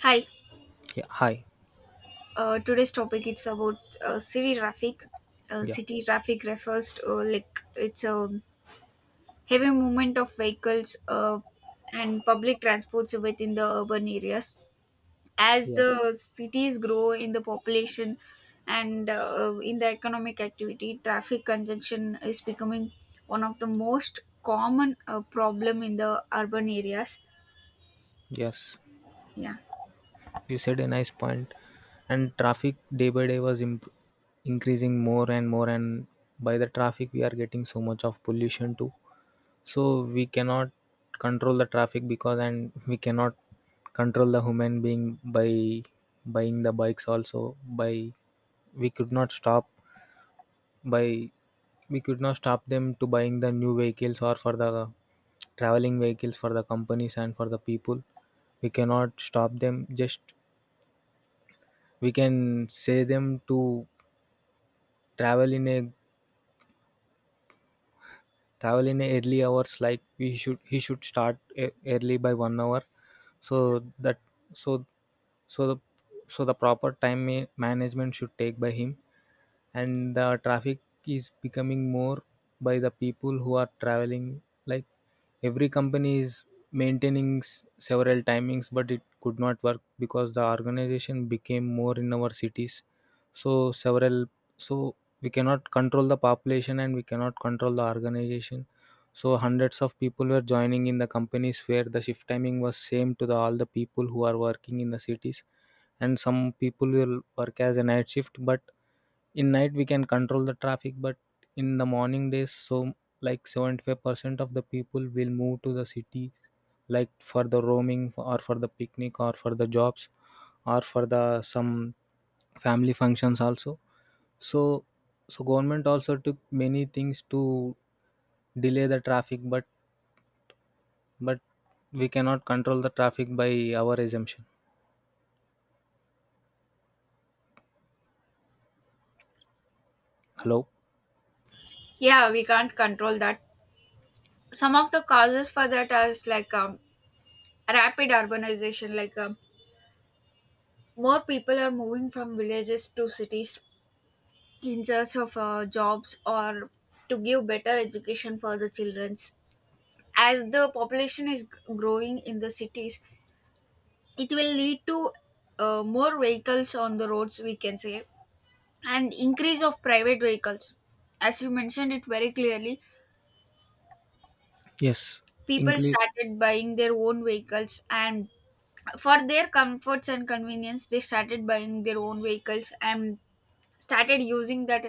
Hi. Yeah. Hi. Today's topic it's about city traffic. Yeah. City traffic refers to, like, it's a heavy movement of vehicles and public transports within the urban areas. As Yeah. the cities grow in the population and in the economic activity, traffic congestion is becoming one of the most common problem in the urban areas. Yes. Yeah, You said a nice point, and traffic day by day was increasing more and more. And by the traffic we are getting so much of pollution too, so we cannot control the traffic because, and we cannot control the human being by buying the bikes also. By, we could not stop by, we could not stop them to buying the new vehicles or for the traveling vehicles for the companies and for the people. We cannot stop them. Just we can say them to travel in a travel in a early hours, like we should, he should start early by 1 hour. So that, so so the so the proper time management should take by him. And the traffic is becoming more by the people who are traveling. Like every company is maintaining several timings, but it could not work because the organization became more in our cities. So several, so we cannot control the population, and we cannot control the organization. So hundreds of people were joining in the companies where the shift timing was same to the all the people who are working in the cities. And some people will work as a night shift, but in night we can control the traffic, but in the morning days, so like 75% of the people will move to the cities, like for the roaming or for the picnic or for the jobs or for the some family functions also. So so government also took many things to delay the traffic, but we cannot control the traffic by our assumption. Hello. yeah, we can't control that. Some of the causes for that are like, rapid urbanization, like, more people are moving from villages to cities in search of jobs, or to give better education for the children. As the population is growing in the cities, it will lead to more vehicles on the roads, we can say, and increase of private vehicles, as you mentioned it very clearly. Yes. People English. started buying their own vehicles, and for their comforts and convenience they started buying their own vehicles and started using that.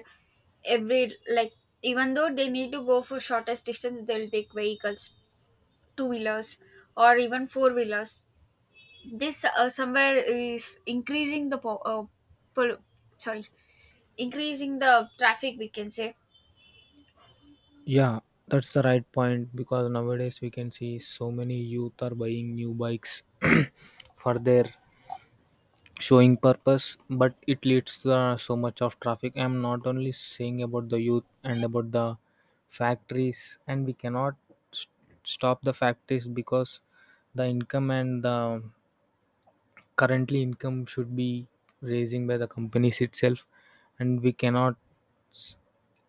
Every, like, even though they need to go for shortest distance, they'll take vehicles, two wheelers or even four wheelers. This somewhere is increasing the po- pol- sorry increasing the traffic, we can say. Yeah, that's the right point because nowadays we can see so many youth are buying new bikes for their showing purpose. But it leads so much of traffic. I'm not only saying about the youth and about the factories, and we cannot s stop the factories because the income and the currently income should be raising by the companies itself, and we cannot.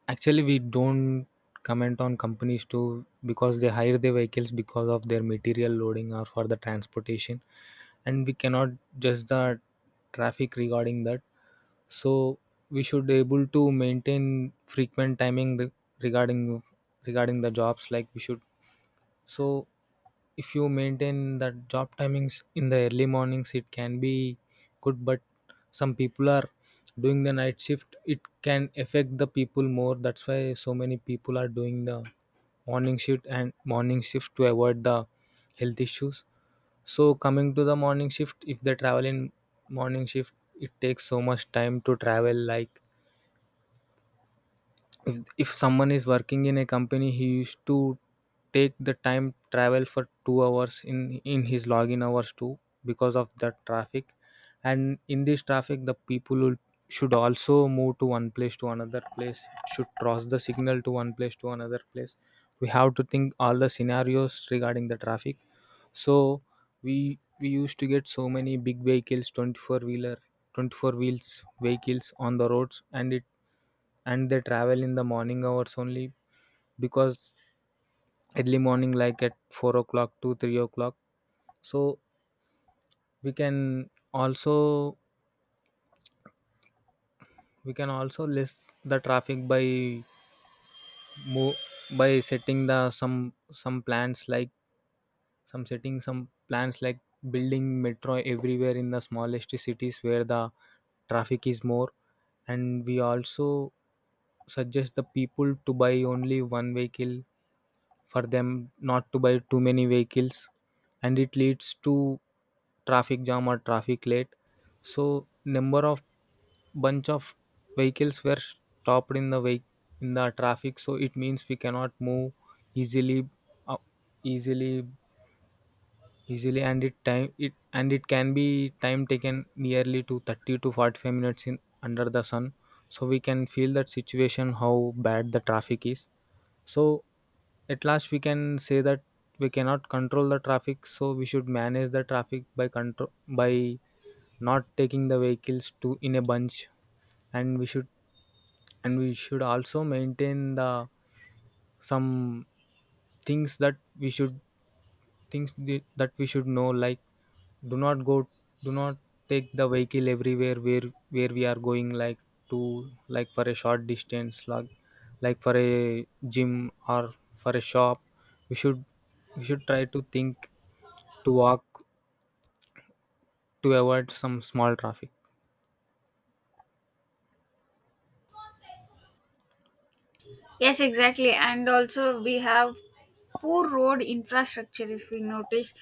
Actually, we don't comment on companies too because they hire their vehicles because of their material loading or for the transportation, and we cannot judge the traffic regarding that. So we should able to maintain frequent timing regarding regarding the jobs. Like we should, so if you maintain that job timings in the early mornings, it can be good. But some people are doing the night shift. It can affect the people more. That's why so many people are doing the morning shift and morning shift to avoid the health issues. So coming to the morning shift, if they travel in morning shift, it takes so much time to travel. Like if if someone is working in a company, he used to take the time travel for 2 hours in his login hours too because of the traffic. And in this traffic the people will, should also move to one place to another place, should cross the signal to one place to another place. We have to think all the scenarios regarding the traffic. So we we used to get so many big vehicles, 24 wheeler, 24 wheels vehicles on the roads. And it and they travel in the morning hours only because early morning, like at 4 o'clock to 3 o'clock. So we can also we can also list the traffic by mo by setting the some plans like, some setting some plans like building metro everywhere in the smallest cities where the traffic is more. And we also suggest the people to buy only one vehicle for them, not to buy too many vehicles. And it leads to traffic jam or traffic late. So number of, bunch of vehicles were stopped in the way in the traffic, so it means we cannot move easily, uh, easily easily. And it time it and it can be time taken nearly to 30 to 45 minutes in under the sun. So we can feel that situation how bad the traffic is. So at last we can say that we cannot control the traffic, so we should manage the traffic by control by not taking the vehicles to in a bunch. And we should, and we should also maintain the some things that we should, things that we should know. Like do not go, do not take the vehicle everywhere, where we are going, like to, like for a short distance, like for a gym or for a shop. We should, we should try to think to walk, to avoid some small traffic. Yes, exactly. And also, we have poor road infrastructure, if we notice.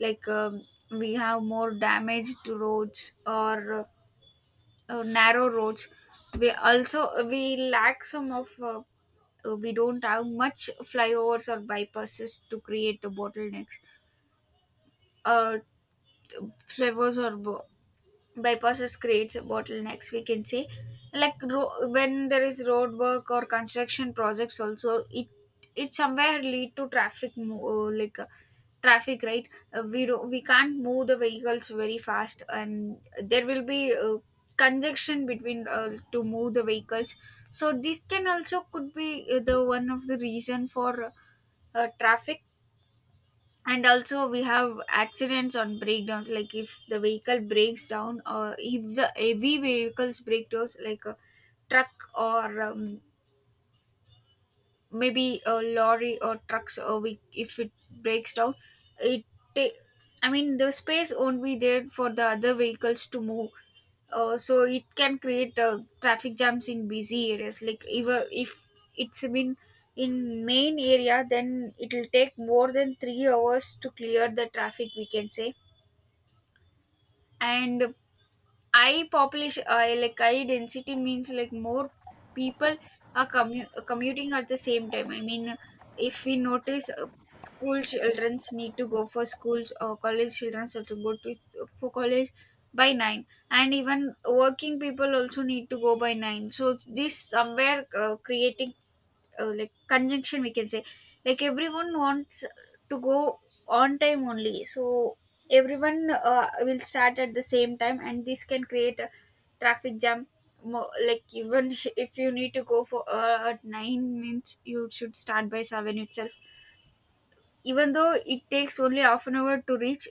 Like, we have more damage to roads, or narrow roads. We also, we lack some of, we don't have much flyovers or bypasses to create the bottlenecks. uh Flavors or bypasses creates bottlenecks, we can say. Like, when there is road work or construction projects, also it somewhere lead to traffic, traffic, right? We can't move the vehicles very fast, and there will be congestion between, to move the vehicles. So this can also could be the one of the reason for traffic. And also, we have accidents on breakdowns. Like, if the vehicle breaks down, or if the heavy vehicles break down, like a truck or maybe a lorry or trucks, or we, if it breaks down, it ta- I mean the space won't be there for the other vehicles to move. So it can create traffic jams in busy areas. Like, even if it's been in main area, then it will take more than 3 hours to clear the traffic, we can say. And I population, I like I density means like more people are commuting at the same time. I mean, if we notice, school childrens need to go for schools, or college children have to go for college by nine, and even working people also need to go by nine. So this somewhere creating like conjunction, we can say. Like, everyone wants to go on time only, so everyone will start at the same time, and this can create a traffic jam. Like, even if you need to go for at 9 means you should start by 7 itself, even though it takes only half an hour to reach.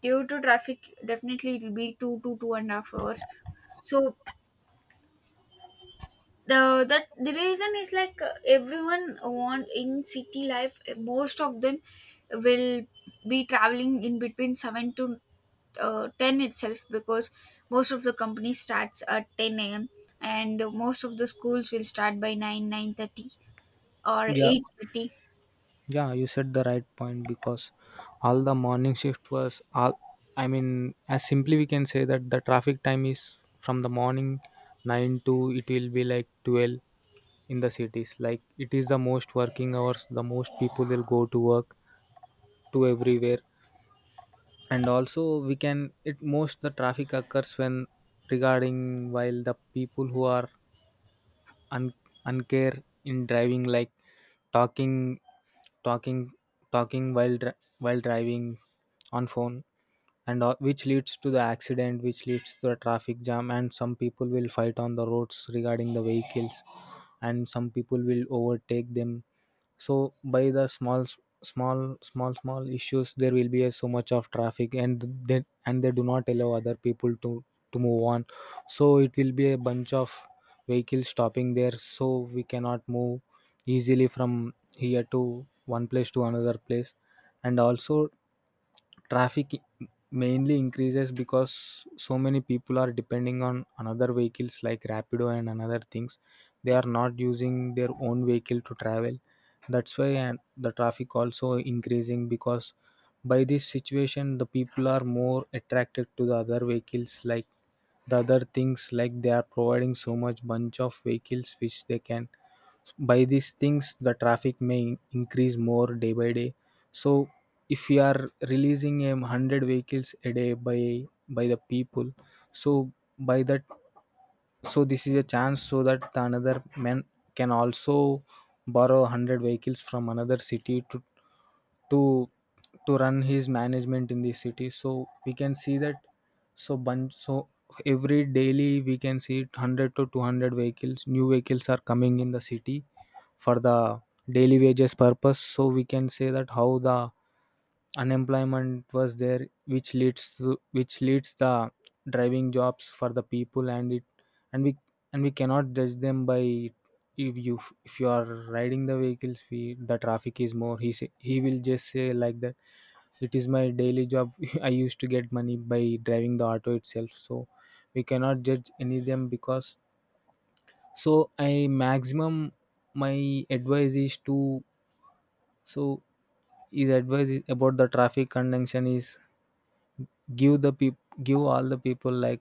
Due to traffic, definitely it will be 2 to 2 and a half hours. So the reason is, like, everyone want in city life, most of them will be traveling in between 7 to 10 itself, because most of the company starts at 10 a.m. and most of the schools will start by 9 9:30 or 8:30. Yeah, you said the right point because all the morning shift was all. I mean, as simply we can say that the traffic time is from the morning 9 to it will be like 12 in the cities. Like it is the most working hours, the most people will go to work to everywhere. And also we can it most the traffic occurs when regarding while the people who are un- uncare in driving. Like talking talking talking while while driving on phone and all, which leads to the accident, which leads to a traffic jam. And some people will fight on the roads regarding the vehicles, and some people will overtake them. So by the small issues there will be a, so much of traffic. And they and they do not allow other people to move on. So it will be a bunch of vehicles stopping there, so we cannot move easily from here to one place to another place. And also traffic mainly increases because so many people are depending on another vehicles like Rapido and another things. They are not using their own vehicle to travel. That's why, and the traffic also increasing because by this situation the people are more attracted to the other vehicles, like the other things, like they are providing so much bunch of vehicles which they can. By these things the traffic may increase more day by day. So if we are releasing 100 vehicles a day by the people. So by that, so this is a chance so that the another man can also borrow 100 vehicles from another city to to run his management in the city. So we can see that, so bunch, so every daily we can see 100 to 200 vehicles, new vehicles are coming in the city for the daily wages purpose. So we can say that how the unemployment was there, which leads the driving jobs for the people. And it and we, and we cannot judge them by, if you if you are riding the vehicles, we the traffic is more. He say, he will just say like that, it is my daily job. I used to get money by driving the auto itself. So we cannot judge any of them, because so I maximum, my advice is to, so his advice is about the traffic conjunction is, give the people, give all the people, like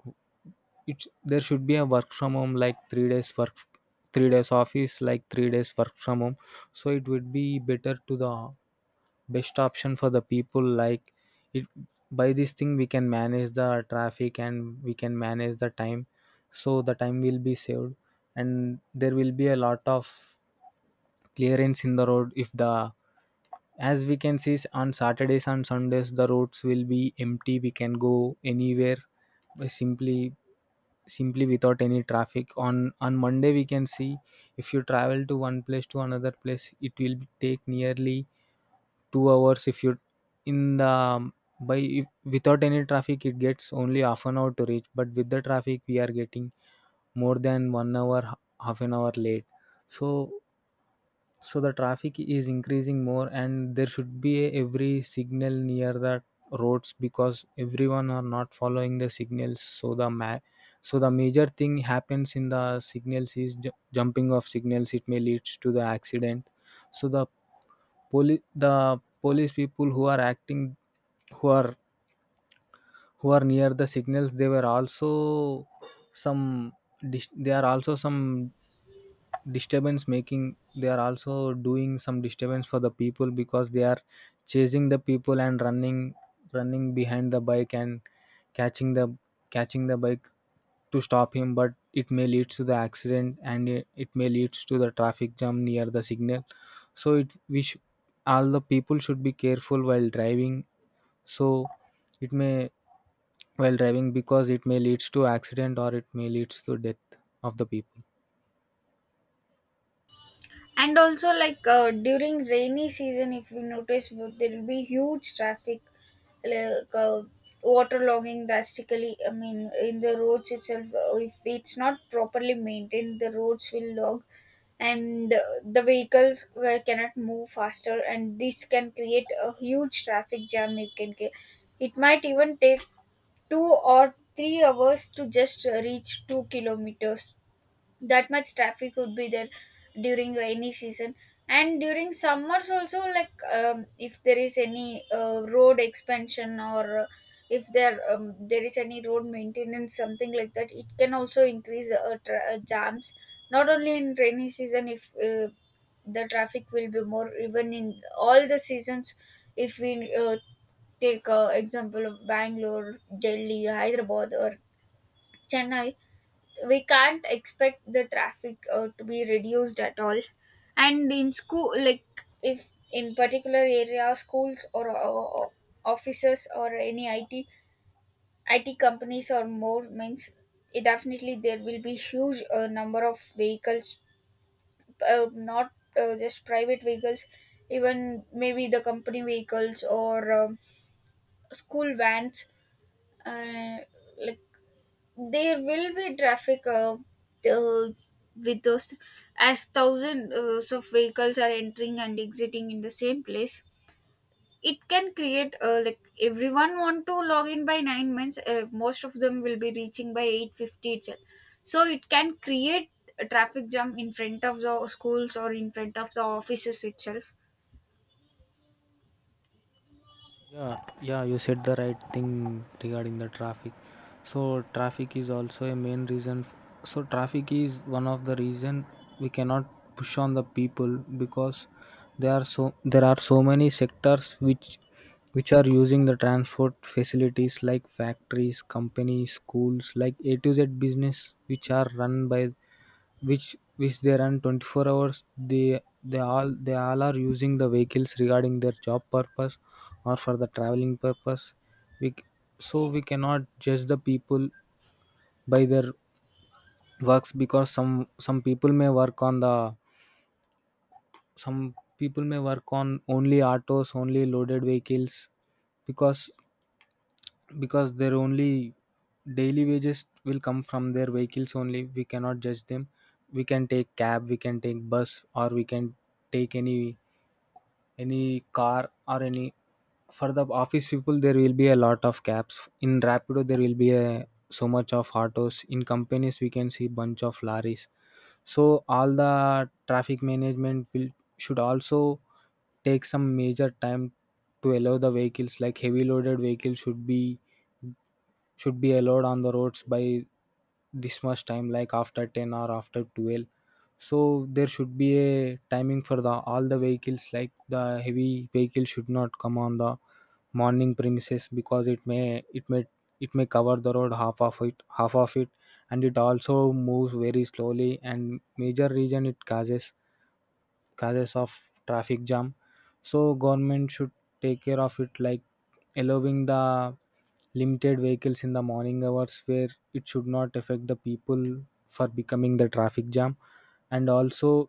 it's there should be a work from home like 3 days work, 3 days office, like 3 days work from home. So it would be better to the best option for the people like it. By this thing we can manage the traffic and we can manage the time, so the time will be saved. And there will be a lot of clearance in the road if the. As we can see on Saturdays and Sundays the roads will be empty, we can go anywhere by simply without any traffic. On Monday we can see if you travel to one place to another place it will take nearly 2 hours. If you in the by if, without any traffic it gets only half an hour to reach, but with the traffic we are getting more than 1 hour half an hour late. So, so the traffic is increasing more, and there should be every signal near the roads because everyone are not following the signals. So the so the major thing happens in the signals is jumping of signals, it may leads to the accident. So the police people who are acting, who are who are near the signals, they were also some they are also some disturbance making. They are also doing some disturbance for the people because they are chasing the people and running, running behind the bike and catching the catching the bike to stop him. But it may lead to the accident, and it may lead to the traffic jam near the signal. So it we all the people should be careful while driving. So, it may while driving, because it may leads to accident or it may leads to death of the people. And also, like, during rainy season, if you notice, there will be huge traffic. Like, waterlogging drastically, I mean in the roads itself. If it's not properly maintained, the roads will log. And the vehicles cannot move faster, and this can create a huge traffic jam. It can get It might even take 2 or 3 hours to just reach 2 kilometers. That much traffic would be there during rainy season. And during summers also, like, if there is any road expansion, or if there there is any road maintenance, something like that, it can also increase jams. Not only in rainy season, if the traffic will be more even in all the seasons. If we take example of Bangalore, Delhi, Hyderabad, or Chennai, we can't expect the traffic to be reduced at all. And in school, like, if in particular area schools, or offices or any it companies or more means, it definitely there will be huge number of vehicles. Not just private vehicles, even maybe the company vehicles or school vans. uh, like, there will be traffic uh, with those. As thousands of vehicles are entering and exiting in the same place, it can create like, everyone want to log in by 9 minutes, most of them will be reaching by 8:50 itself. So it can create a traffic jam in front of the schools or in front of the offices itself. Yeah, yeah, you said the right thing regarding the traffic. So traffic is also a main reason. So traffic is one of the reason we cannot push on the people because there are so many sectors which are using the transport facilities like factories, companies, schools, like A to Z business which are run by which they run 24 hours they all are using the vehicles regarding their job purpose or for the traveling purpose. we c- so we cannot judge the people by their works because some people may work on the some people may work on only autos, only loaded vehicles, because their only daily wages will come from their vehicles only. We cannot judge them. We can take cab, we can take bus, or we can take any car or any. For the office people there will be a lot of cabs in Rapido, there will be a so much of autos in companies, we can see bunch of lorries. So all the traffic management will should also take some major time to allow the vehicles like heavy loaded vehicles should be allowed on the roads by this much time, like after 10 or after 12. So there should be a timing for the all the vehicles, like the heavy vehicle should not come on the morning premises because it may cover the road half of it. And it also moves very slowly and major reason it causes causes of traffic jam. So government should take care of it, like allowing the limited vehicles in the morning hours where it should not affect the people for becoming the traffic jam. and also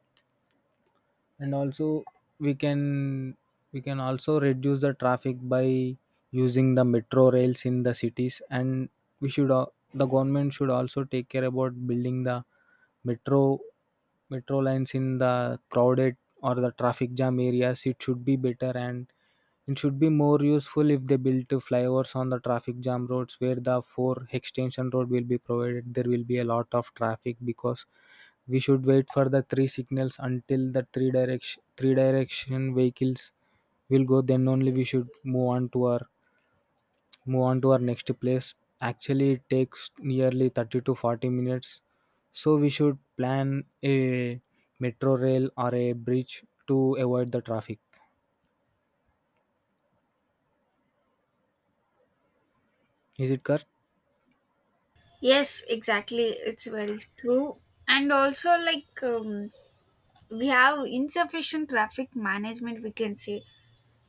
and also we can we can also reduce the traffic by using the metro rails in the cities. And the government should also take care about building the metro metro lines in the crowded or the traffic jam areas. It should be better and it should be more useful if they built flyovers on the traffic jam roads where the four extension road will be provided. There will be a lot of traffic because we should wait for the three signals until the three direction vehicles will go, then only we should move on to our next place. Actually it takes nearly 30 to 40 minutes, so we should plan a metro rail or a bridge to avoid the traffic. Is it correct? Yes, exactly, it's very true. And also, like, we have insufficient traffic management, we can say.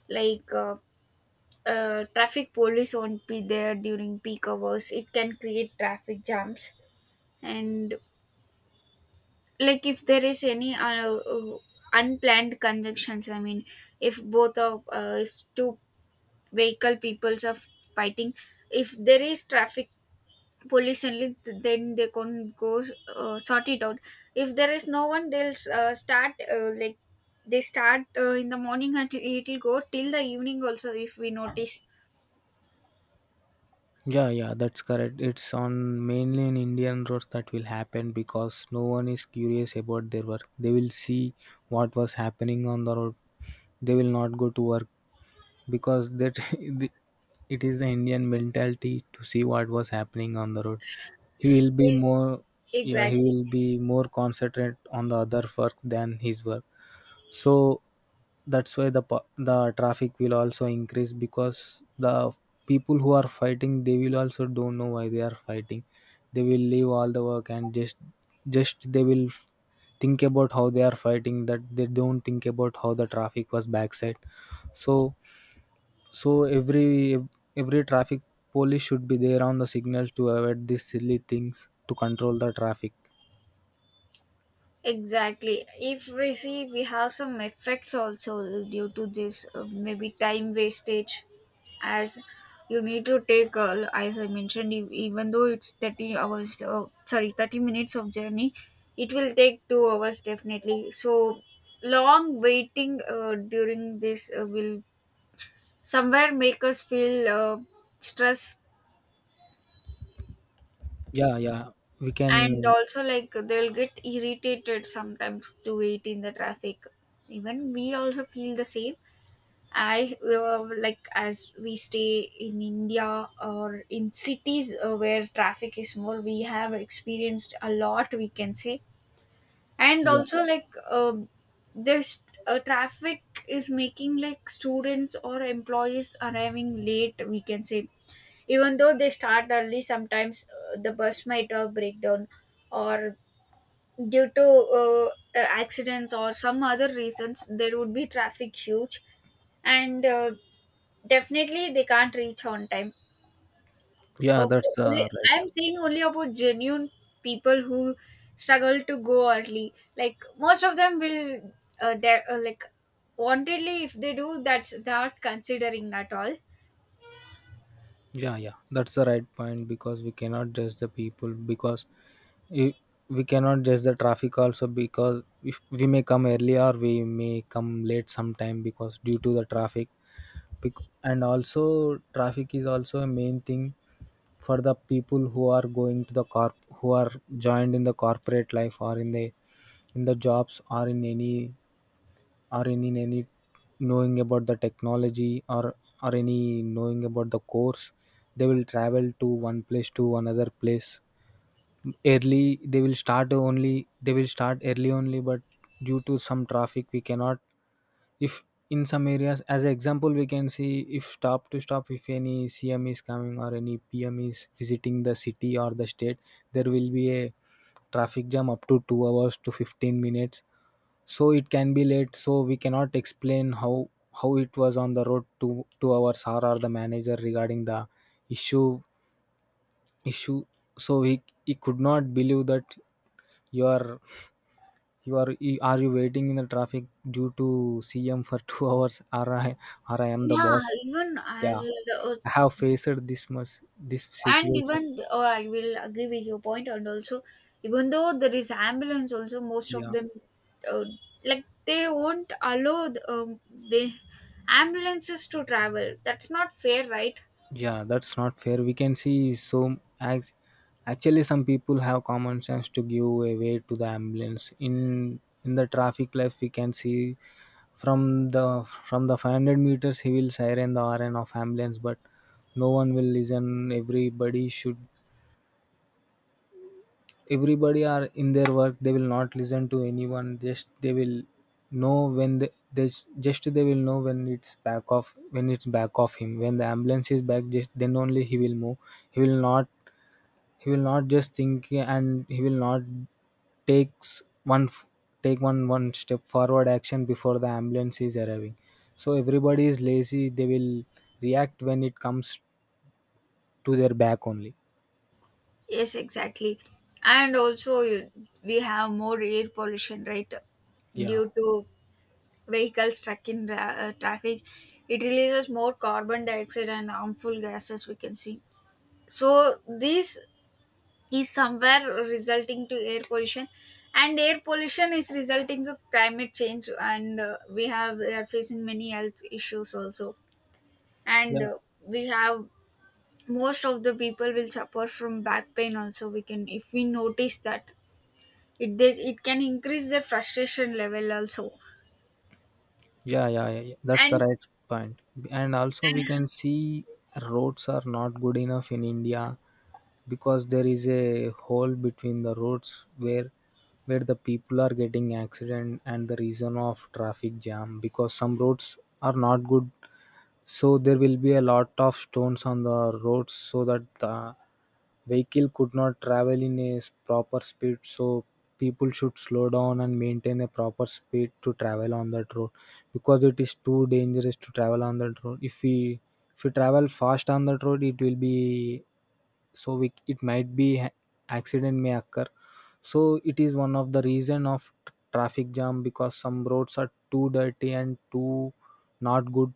Like, traffic police won't be there during peak hours, it can create traffic jams. And, like, if there is any unplanned conjunctions, I mean, if both of if two vehicle peoples are fighting, if there is traffic police only, then they can go sort it out. If there is no one, they'll start, like they start in the morning, and it'll go till the evening also, if we notice. Yeah, yeah, that's correct. It's on mainly in Indian roads that will happen because no one is curious about their work. They will see what was happening on the road. They will not go to work because that the- it is the Indian mentality to see what was happening on the road. He will be Yes, more, Yeah, he exactly. will be more concentrate on the other work than his work. So that's why the traffic will also increase because the people who are fighting they will also don't know why they are fighting. They will leave all the work and just think about how they are fighting, that they don't think about how the traffic was backside. So so every ev- every traffic police should be there on the signals to avoid these silly things, to control the traffic. Exactly. If we see, we have some effects also due to this, maybe time wastage, as you need to take, as I mentioned, even though it's 30 hours, sorry, 30 minutes of journey, it will take 2 hours definitely. So, long waiting during this will somewhere make us feel stress. Yeah, yeah. We And can. also, like, they'll get irritated sometimes to wait in the traffic, even we also feel the same. I, like, as we stay in India or in cities where traffic is more, we have experienced a lot, we can say. And Yeah. also, like, this traffic is making, like, students or employees arriving late, we can say. Even though they start early, sometimes the bus might have breakdown, or due to accidents or some other reasons, there would be traffic huge. And definitely they can't reach on time. Yeah, Uh, for that's only- I'm right. saying only about genuine people who struggle to go early, like most of them will like, wantedly, if they do, that's not considering at all. Yeah, yeah. That's the right point because we cannot judge the people because i- we cannot judge the traffic also, because if we may come early or we may come late sometime because due to the traffic. And also traffic is also a main thing for the people who are going to the corp who are joined in the corporate life, or in the jobs, or in any or in any knowing about the technology, or any knowing about the course. They will travel to one place to another place. Early they will start only, they will start early only, but due to some traffic we cannot. If in some areas as an example we can see, if stop to stop, if any CM is coming or any PM is visiting the city or the state, there will be a traffic jam up to 2 hours to 15 minutes, so it can be late. So we cannot explain how it was on the road to 2 hours or the manager regarding the issue issue. So he could not believe that you are you waiting in the traffic due to CM for 2 hours, or I or I am the Yeah, boss. even Yeah, I'll, uh, I have faced this much this and situation. Oh, I will agree with your point. And also, even though there is ambulance also, most of Yeah, them, uh, like, they won't allow the ambulances to travel, that's not fair, right? yeah, that's not fair, we can see. So ac- actually some people have common sense to give a way to the ambulance in the traffic life, we can see. From the from the 500 meters he will siren the horn of ambulance, but no one will listen. Everybody should, everybody are in their work, they will not listen to anyone. Just they will know when just they will know when it's back off, when it's back of him, when the ambulance is back, just then only he will move. He will not, he will not just think, and he will not takes one f- take one step forward action before the ambulance is arriving. So everybody is lazy, they will react when it comes to their back only. Yes, exactly. And also you, we have more air pollution, right? Yeah, Due to vehicles stuck in traffic, it releases more carbon dioxide and harmful gases, we can see. So these is somewhere resulting to air pollution, and air pollution is resulting to climate change. And we are facing many health issues also. And yeah. We have, most of the people will suffer from back pain also, we can, if we notice that it can increase their frustration level also, Yeah, yeah, yeah, yeah, that's the and right point. And also, we can see roads are not good enough in India because there is a hole between the roads where the people are getting accident, and the reason of traffic jam because some roads are not good. So there will be a lot of stones on the roads so that the vehicle could not travel in a proper speed. So people should slow down and maintain a proper speed to travel on that road because it is too dangerous to travel on that road. If we travel fast on that road, it will be so we, it might be ha- accident may occur. So it is one of the reason of traffic jam because some roads are too dirty and too not good,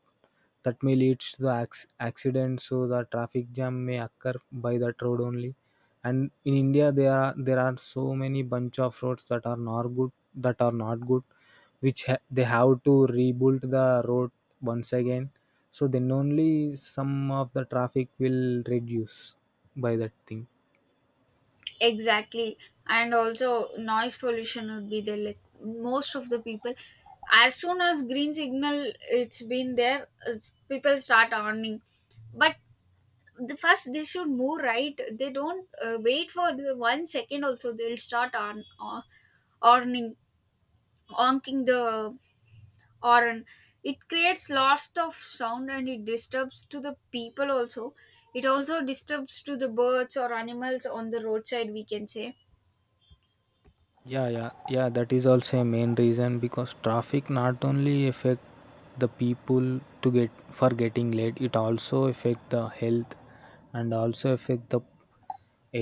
that may lead to the accident, so the traffic jam may occur by that road only. And in India there are so many bunch of roads that are not good, that are not good which they have to rebuild the road once again. So then only some of the traffic will reduce by that thing. exactly. And also, noise pollution would be there. Like most of the people, as soon as green signal it's been there, it's, people start earning. But the first they should move, right. They don't wait for the 1 second. Also, they'll start on earning, honking the horn. It creates lots of sound and it disturbs to the people also. It also disturbs to the birds or animals on the roadside, we can say. Yeah, yeah, yeah, that is also a main reason because traffic not only affect the people to get for getting late, it also affect the health, and also affect the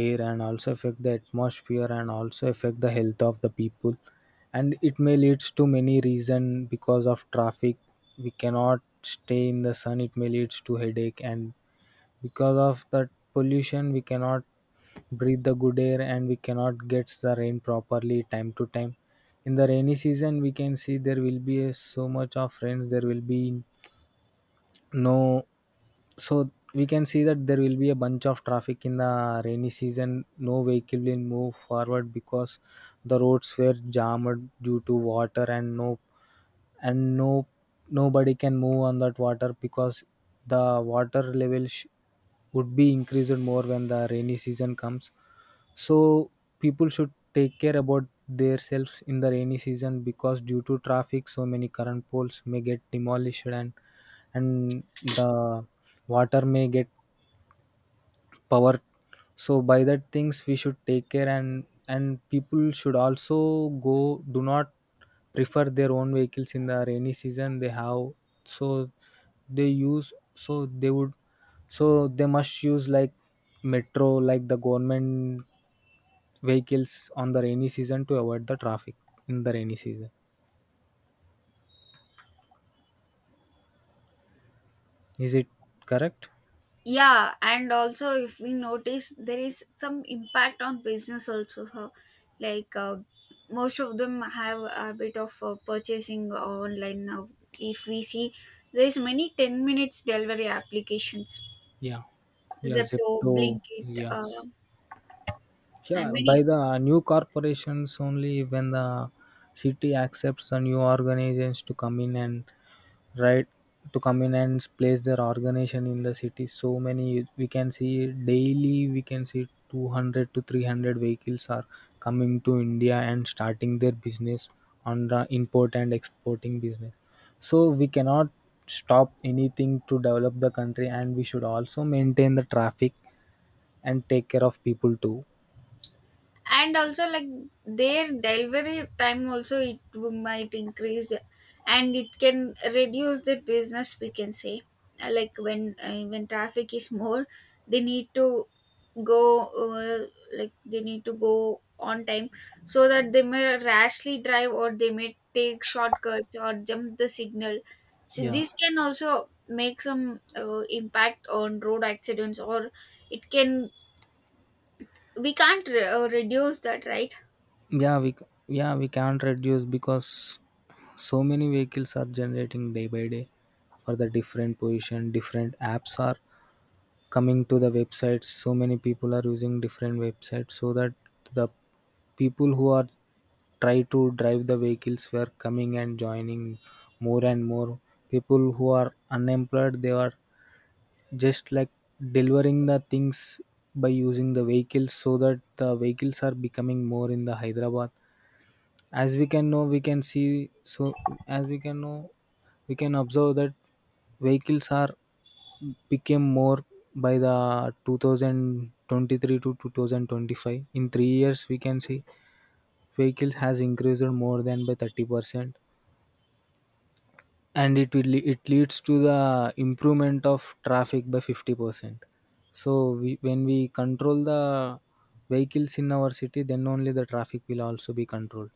air, and also affect the atmosphere, and also affect the health of the people, and it may leads to many reason. Because of traffic we cannot stay in the sun, it may leads to headache, and because of that pollution we cannot breathe the good air, and we cannot get the rain properly time to time. In the rainy season we can see there will be a so much of rains, there will be no. So we can see that there will be a bunch of traffic in the rainy season. No vehicle will move forward because the roads were jammed due to water, and no nobody can move on that water because the water level sh- would be increased more when the rainy season comes. So people should take care about themselves in the rainy season because due to traffic so many current poles may get demolished, and the water may get power. So by that things we should take care, and people should also go, do not prefer their own vehicles in the rainy season. They have so they use, so they would, so they must use like metro, like the government vehicles on the rainy season to avoid the traffic in the rainy season. Is it correct? Yeah, and also, if we notice, there is some impact on business also. So, like, most of them have a bit of purchasing online now. If we see, there is many 10 minutes delivery applications, Yeah. yes you Zepto, Blinkit, yes. and Yeah, by many. the new corporations only when the city accepts the new organizations to come in, and right, to come in and place their organization in the city. So many, we can see daily, we can see 200 to 300 vehicles are coming to India and starting their business on the import and exporting business. So we cannot stop anything to develop the country, and we should also maintain the traffic and take care of people too. And also, like, their delivery time also, it might increase, and it can reduce the business, we can say. Like, when traffic is more, they need to go, uh, like, they need to go on time, so that they may rashly drive, or they may take shortcuts or jump the signal. So yeah this can also make some impact on road accidents, or it can we can't reduce that, right? yeah we c- yeah we can't reduce because so many vehicles are generating day by day. For the different position, different apps are coming to the websites. So many people are using different websites, so that the people who are try to drive the vehicles were coming and joining more and more. People who are unemployed, they are just like delivering the things by using the vehicles, so that the vehicles are becoming more in the Hyderabad. As we can know, we can see, so as we can know, we can observe that vehicles are became more by the 2023 to 2025. In 3 years we can see vehicles has increased more than by 30%, and it will it leads to the improvement of traffic by 50%. So when we control the vehicles in our city, then only the traffic will also be controlled.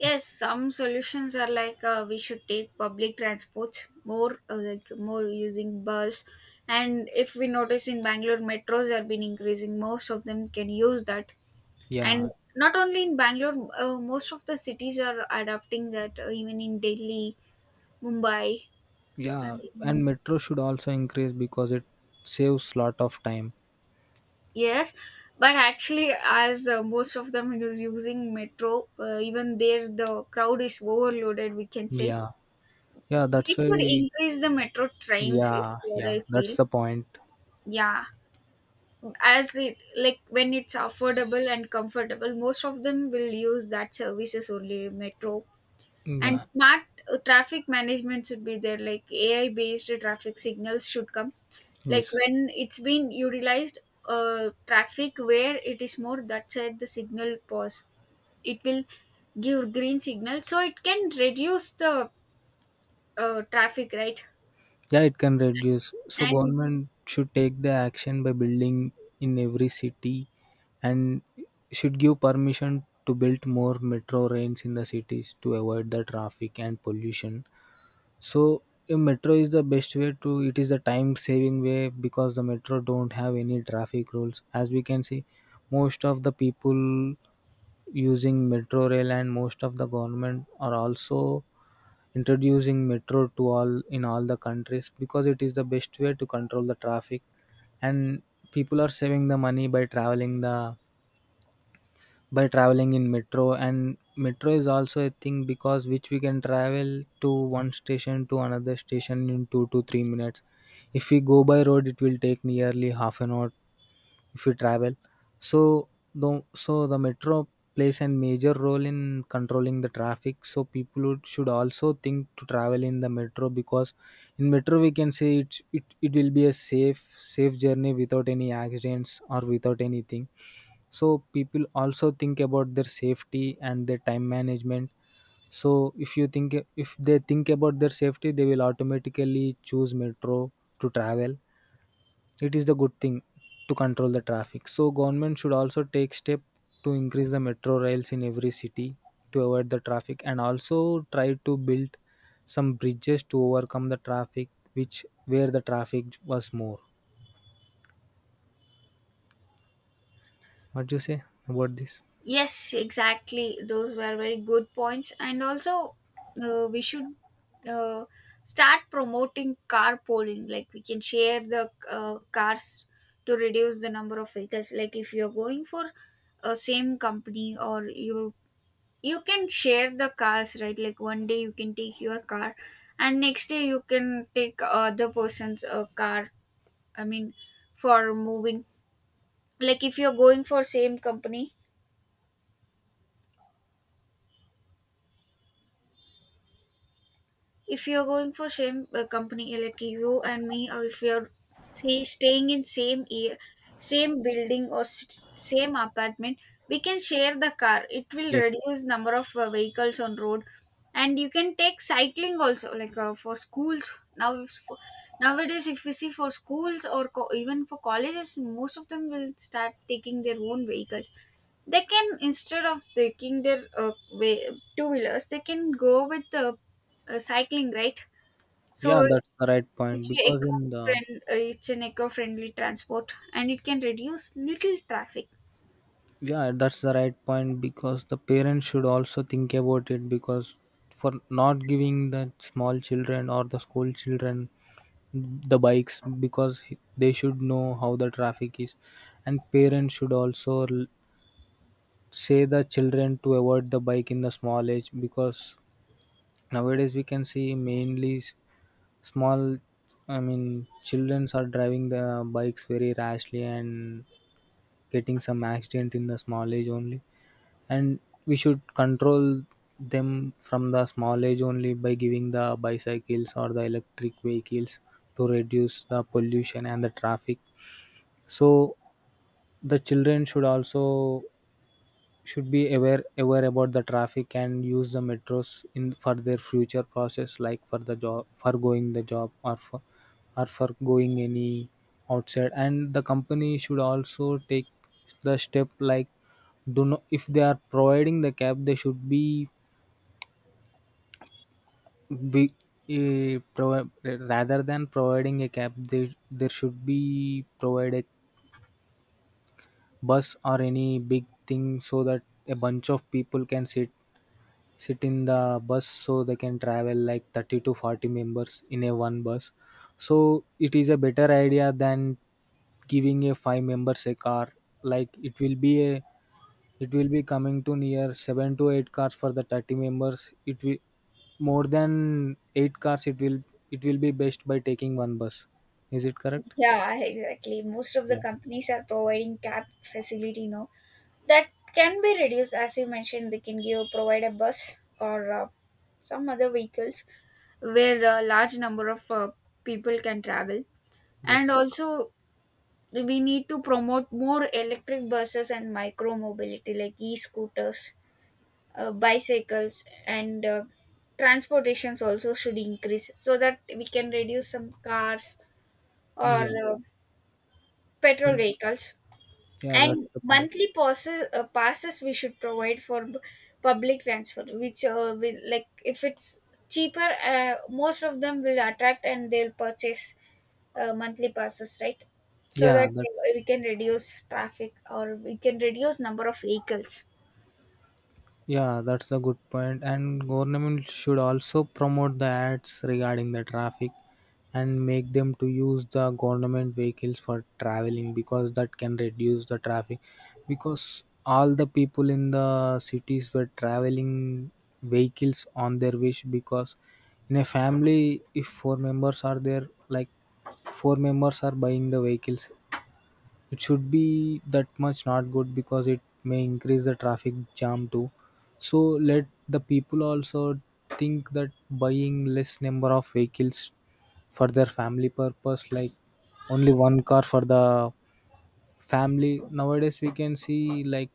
Yes, some solutions are, like, we should take public transports more, like, more using bus. And if we notice in Bangalore, metros have been increasing. Most of them can use that. And Yeah. not only in Bangalore, most of the cities are adopting that. Even in Delhi, Mumbai, Yeah, and um, metro should also increase because it saves lot of time. yes. But actually, as most of them is using metro, even there the crowd is overloaded, we can say. yeah yeah They that's why should we, increase the metro trains, is yeah what yeah I that's feel. the point. Yeah. As it, like, when it's affordable and comfortable, most of them will use that services only metro. And Yeah. smart traffic management should be there, like AI based traffic signals should come. Like Yes. when it's been utilized, traffic where it is more that side the signal pause. It will give green signal, so it can reduce the traffic, right? Yeah, it can reduce. So And, government should take the action by building in every city, and should give permission to build more metro rails in the cities to avoid the traffic and pollution. So a metro is the best way to, it is a time saving way, because the metro don't have any traffic rules. As we can see, most of the people using metro rail, and most of the government are also introducing metro to all in all the countries because it is the best way to control the traffic. And people are saving the money by traveling the, by traveling in metro. And metro is also a thing because which we can travel to one station to another station in 2 to 3 minutes. If we go by road, it will take nearly half an hour if you travel. So the metro plays a major role in controlling the traffic. So people should also think to travel in the metro, because in metro we can say it will be a safe journey without any accidents or without anything. So people also think about their safety and their time management. So if you think, if they think about their safety, they will automatically choose metro to travel. It is the good thing to control the traffic. So government should also take step to increase the metro rails in every city, to avoid the traffic, and also try to build some bridges to overcome the traffic which where the traffic was more. What do you say about this? yes, exactly. Those were very good points. And also, we should uh, start promoting carpooling. Like, we can share the cars to reduce the number of vehicles. Like, if you're going for a same company, or you can share the cars, right? Like, one day you can take your car, and next day you can take other person's car. I mean, for moving, like, if you're going for same company if you're going for same company, like you and me, or if you're, say, staying in same year, same building or same apartment, we can share the car, it will Yes. reduce number of vehicles on road. And you can take cycling also, like, for schools now, if for, nowadays, if we see for schools or even for colleges, most of them will start taking their own vehicles. They can, instead of taking their way, two wheelers, they can go with the cycling, right? Yeah, So, that's the right point it's a because eco in the it's an eco friendly transport, and it can reduce little traffic. yeah, that's the right point because the parents should also think about it. Because for not giving the small children or the school children the bikes, because they should know how the traffic is. And parents should also say the children to avoid the bike in the small age. Because nowadays we can see mainly small, I mean, children are driving the bikes very rashly, and getting some accident in the small age only. And we should control them from the small age only, by giving the bicycles or the electric vehicles to reduce the pollution and the traffic. So the children should also should be aware about the traffic, and use the metros in for their future process, like for the job, for going the job, or for, or for going any outside. And the company should also take the step like, do not, if they are providing the cab, they should be be uh, provi- rather than providing a cab, they there should be provided bus or any big thing, so that a bunch of people can sit in the bus, so they can travel like 30 to 40 members in a one bus. So it is a better idea than giving a five members a car. Like it will be a, it will be coming to near 7 to 8 cars for the 30 members, it will more than 8 cars, it will, it will be best by taking one bus. Is it correct? Yeah, exactly, most of the Yeah. companies are providing cab facility now. That can be reduced, as you mentioned. They can give provide a bus or some other vehicles where a large number of people can travel. And Yes. also, we need to promote more electric buses and micro mobility like e-scooters, bicycles, and transportations also should increase, so that we can reduce some cars or Yeah. Petrol vehicles. Yeah, And that's the point. monthly passes, passes we should provide for public transfer, which will, like, if it's cheaper, most of them will attract, and they'll purchase monthly passes, right? So Yeah, that that we can reduce traffic, or we can reduce number of vehicles. yeah, that's a good point. And government should also promote the ads regarding the traffic, and make them to use the government vehicles for traveling, because that can reduce the traffic. Because all the people in the cities were traveling vehicles on their wish. Because in a family if four members are there, like four members are buying the vehicles, it should be that much not good, because it may increase the traffic jam too. So let the people also think that buying less number of vehicles for their family purpose, like only one car for the family. Nowadays we can see like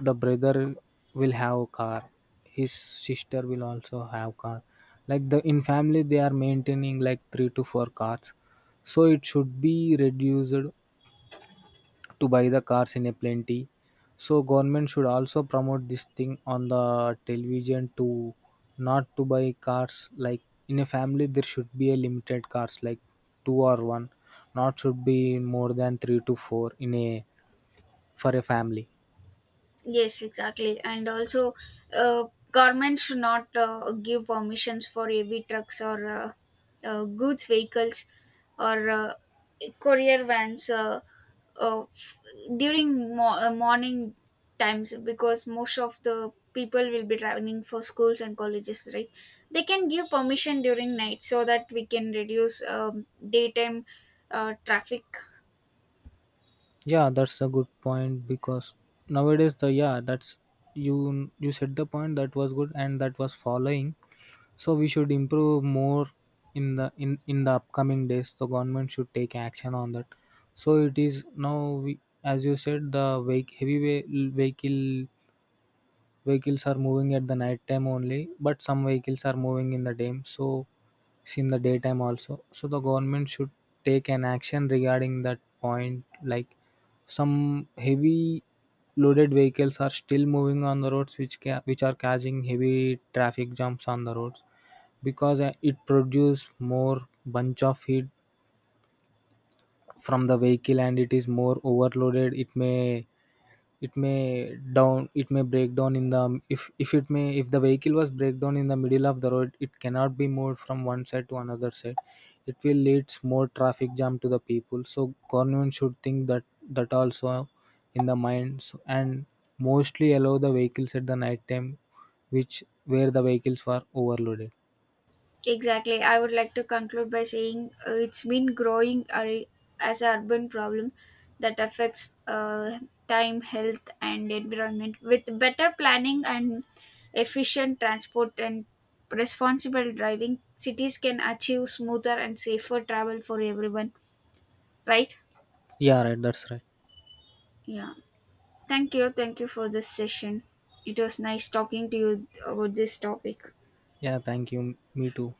the brother will have a car, his sister will also have car, like the in family they are maintaining like three to four cars. So it should be reduced to buy the cars in a plenty. So government should also promote this thing on the television to not to buy cars, like in a family there should be a limited cars like two or one, not should be more than three to four in a, for a family. Yes, exactly. And also, uh, government should not give permissions for heavy trucks or goods vehicles or courier vans, uh, f- during morning times, because most of the people will be traveling for schools and colleges, right? They can give permission during night, so that we can reduce daytime traffic. Yeah, that's a good point because nowadays the yeah, that's you you said the point that was good and that was following. So we should improve more in the upcoming days. The government should take action on that. So it is now we as you said the vehicle, vehicles are moving at the night time only, but some vehicles are moving in the day. So it's in the daytime also. So the government should take an action regarding that point. Like some heavy loaded vehicles are still moving on the roads, which are causing heavy traffic jumps on the roads. Because it produce more bunch of heat from the vehicle and it is more overloaded. It may, it may down it may break down in the, if it may if the vehicle was break down in the middle of the road, it cannot be moved from one side to another side. It will leads more traffic jam to the people. So government should think that that also in the minds, and mostly allow the vehicles at the night time, which where the vehicles were overloaded. Exactly. I would like to conclude by saying, it's been growing as an urban problem that affects time, health, and environment. With better planning and efficient transport and responsible driving, cities can achieve smoother and safer travel for everyone, right? Yeah, right, that's right. Yeah. Thank you. Thank you for this session. It was nice talking to you about this topic. Yeah, thank you, me too.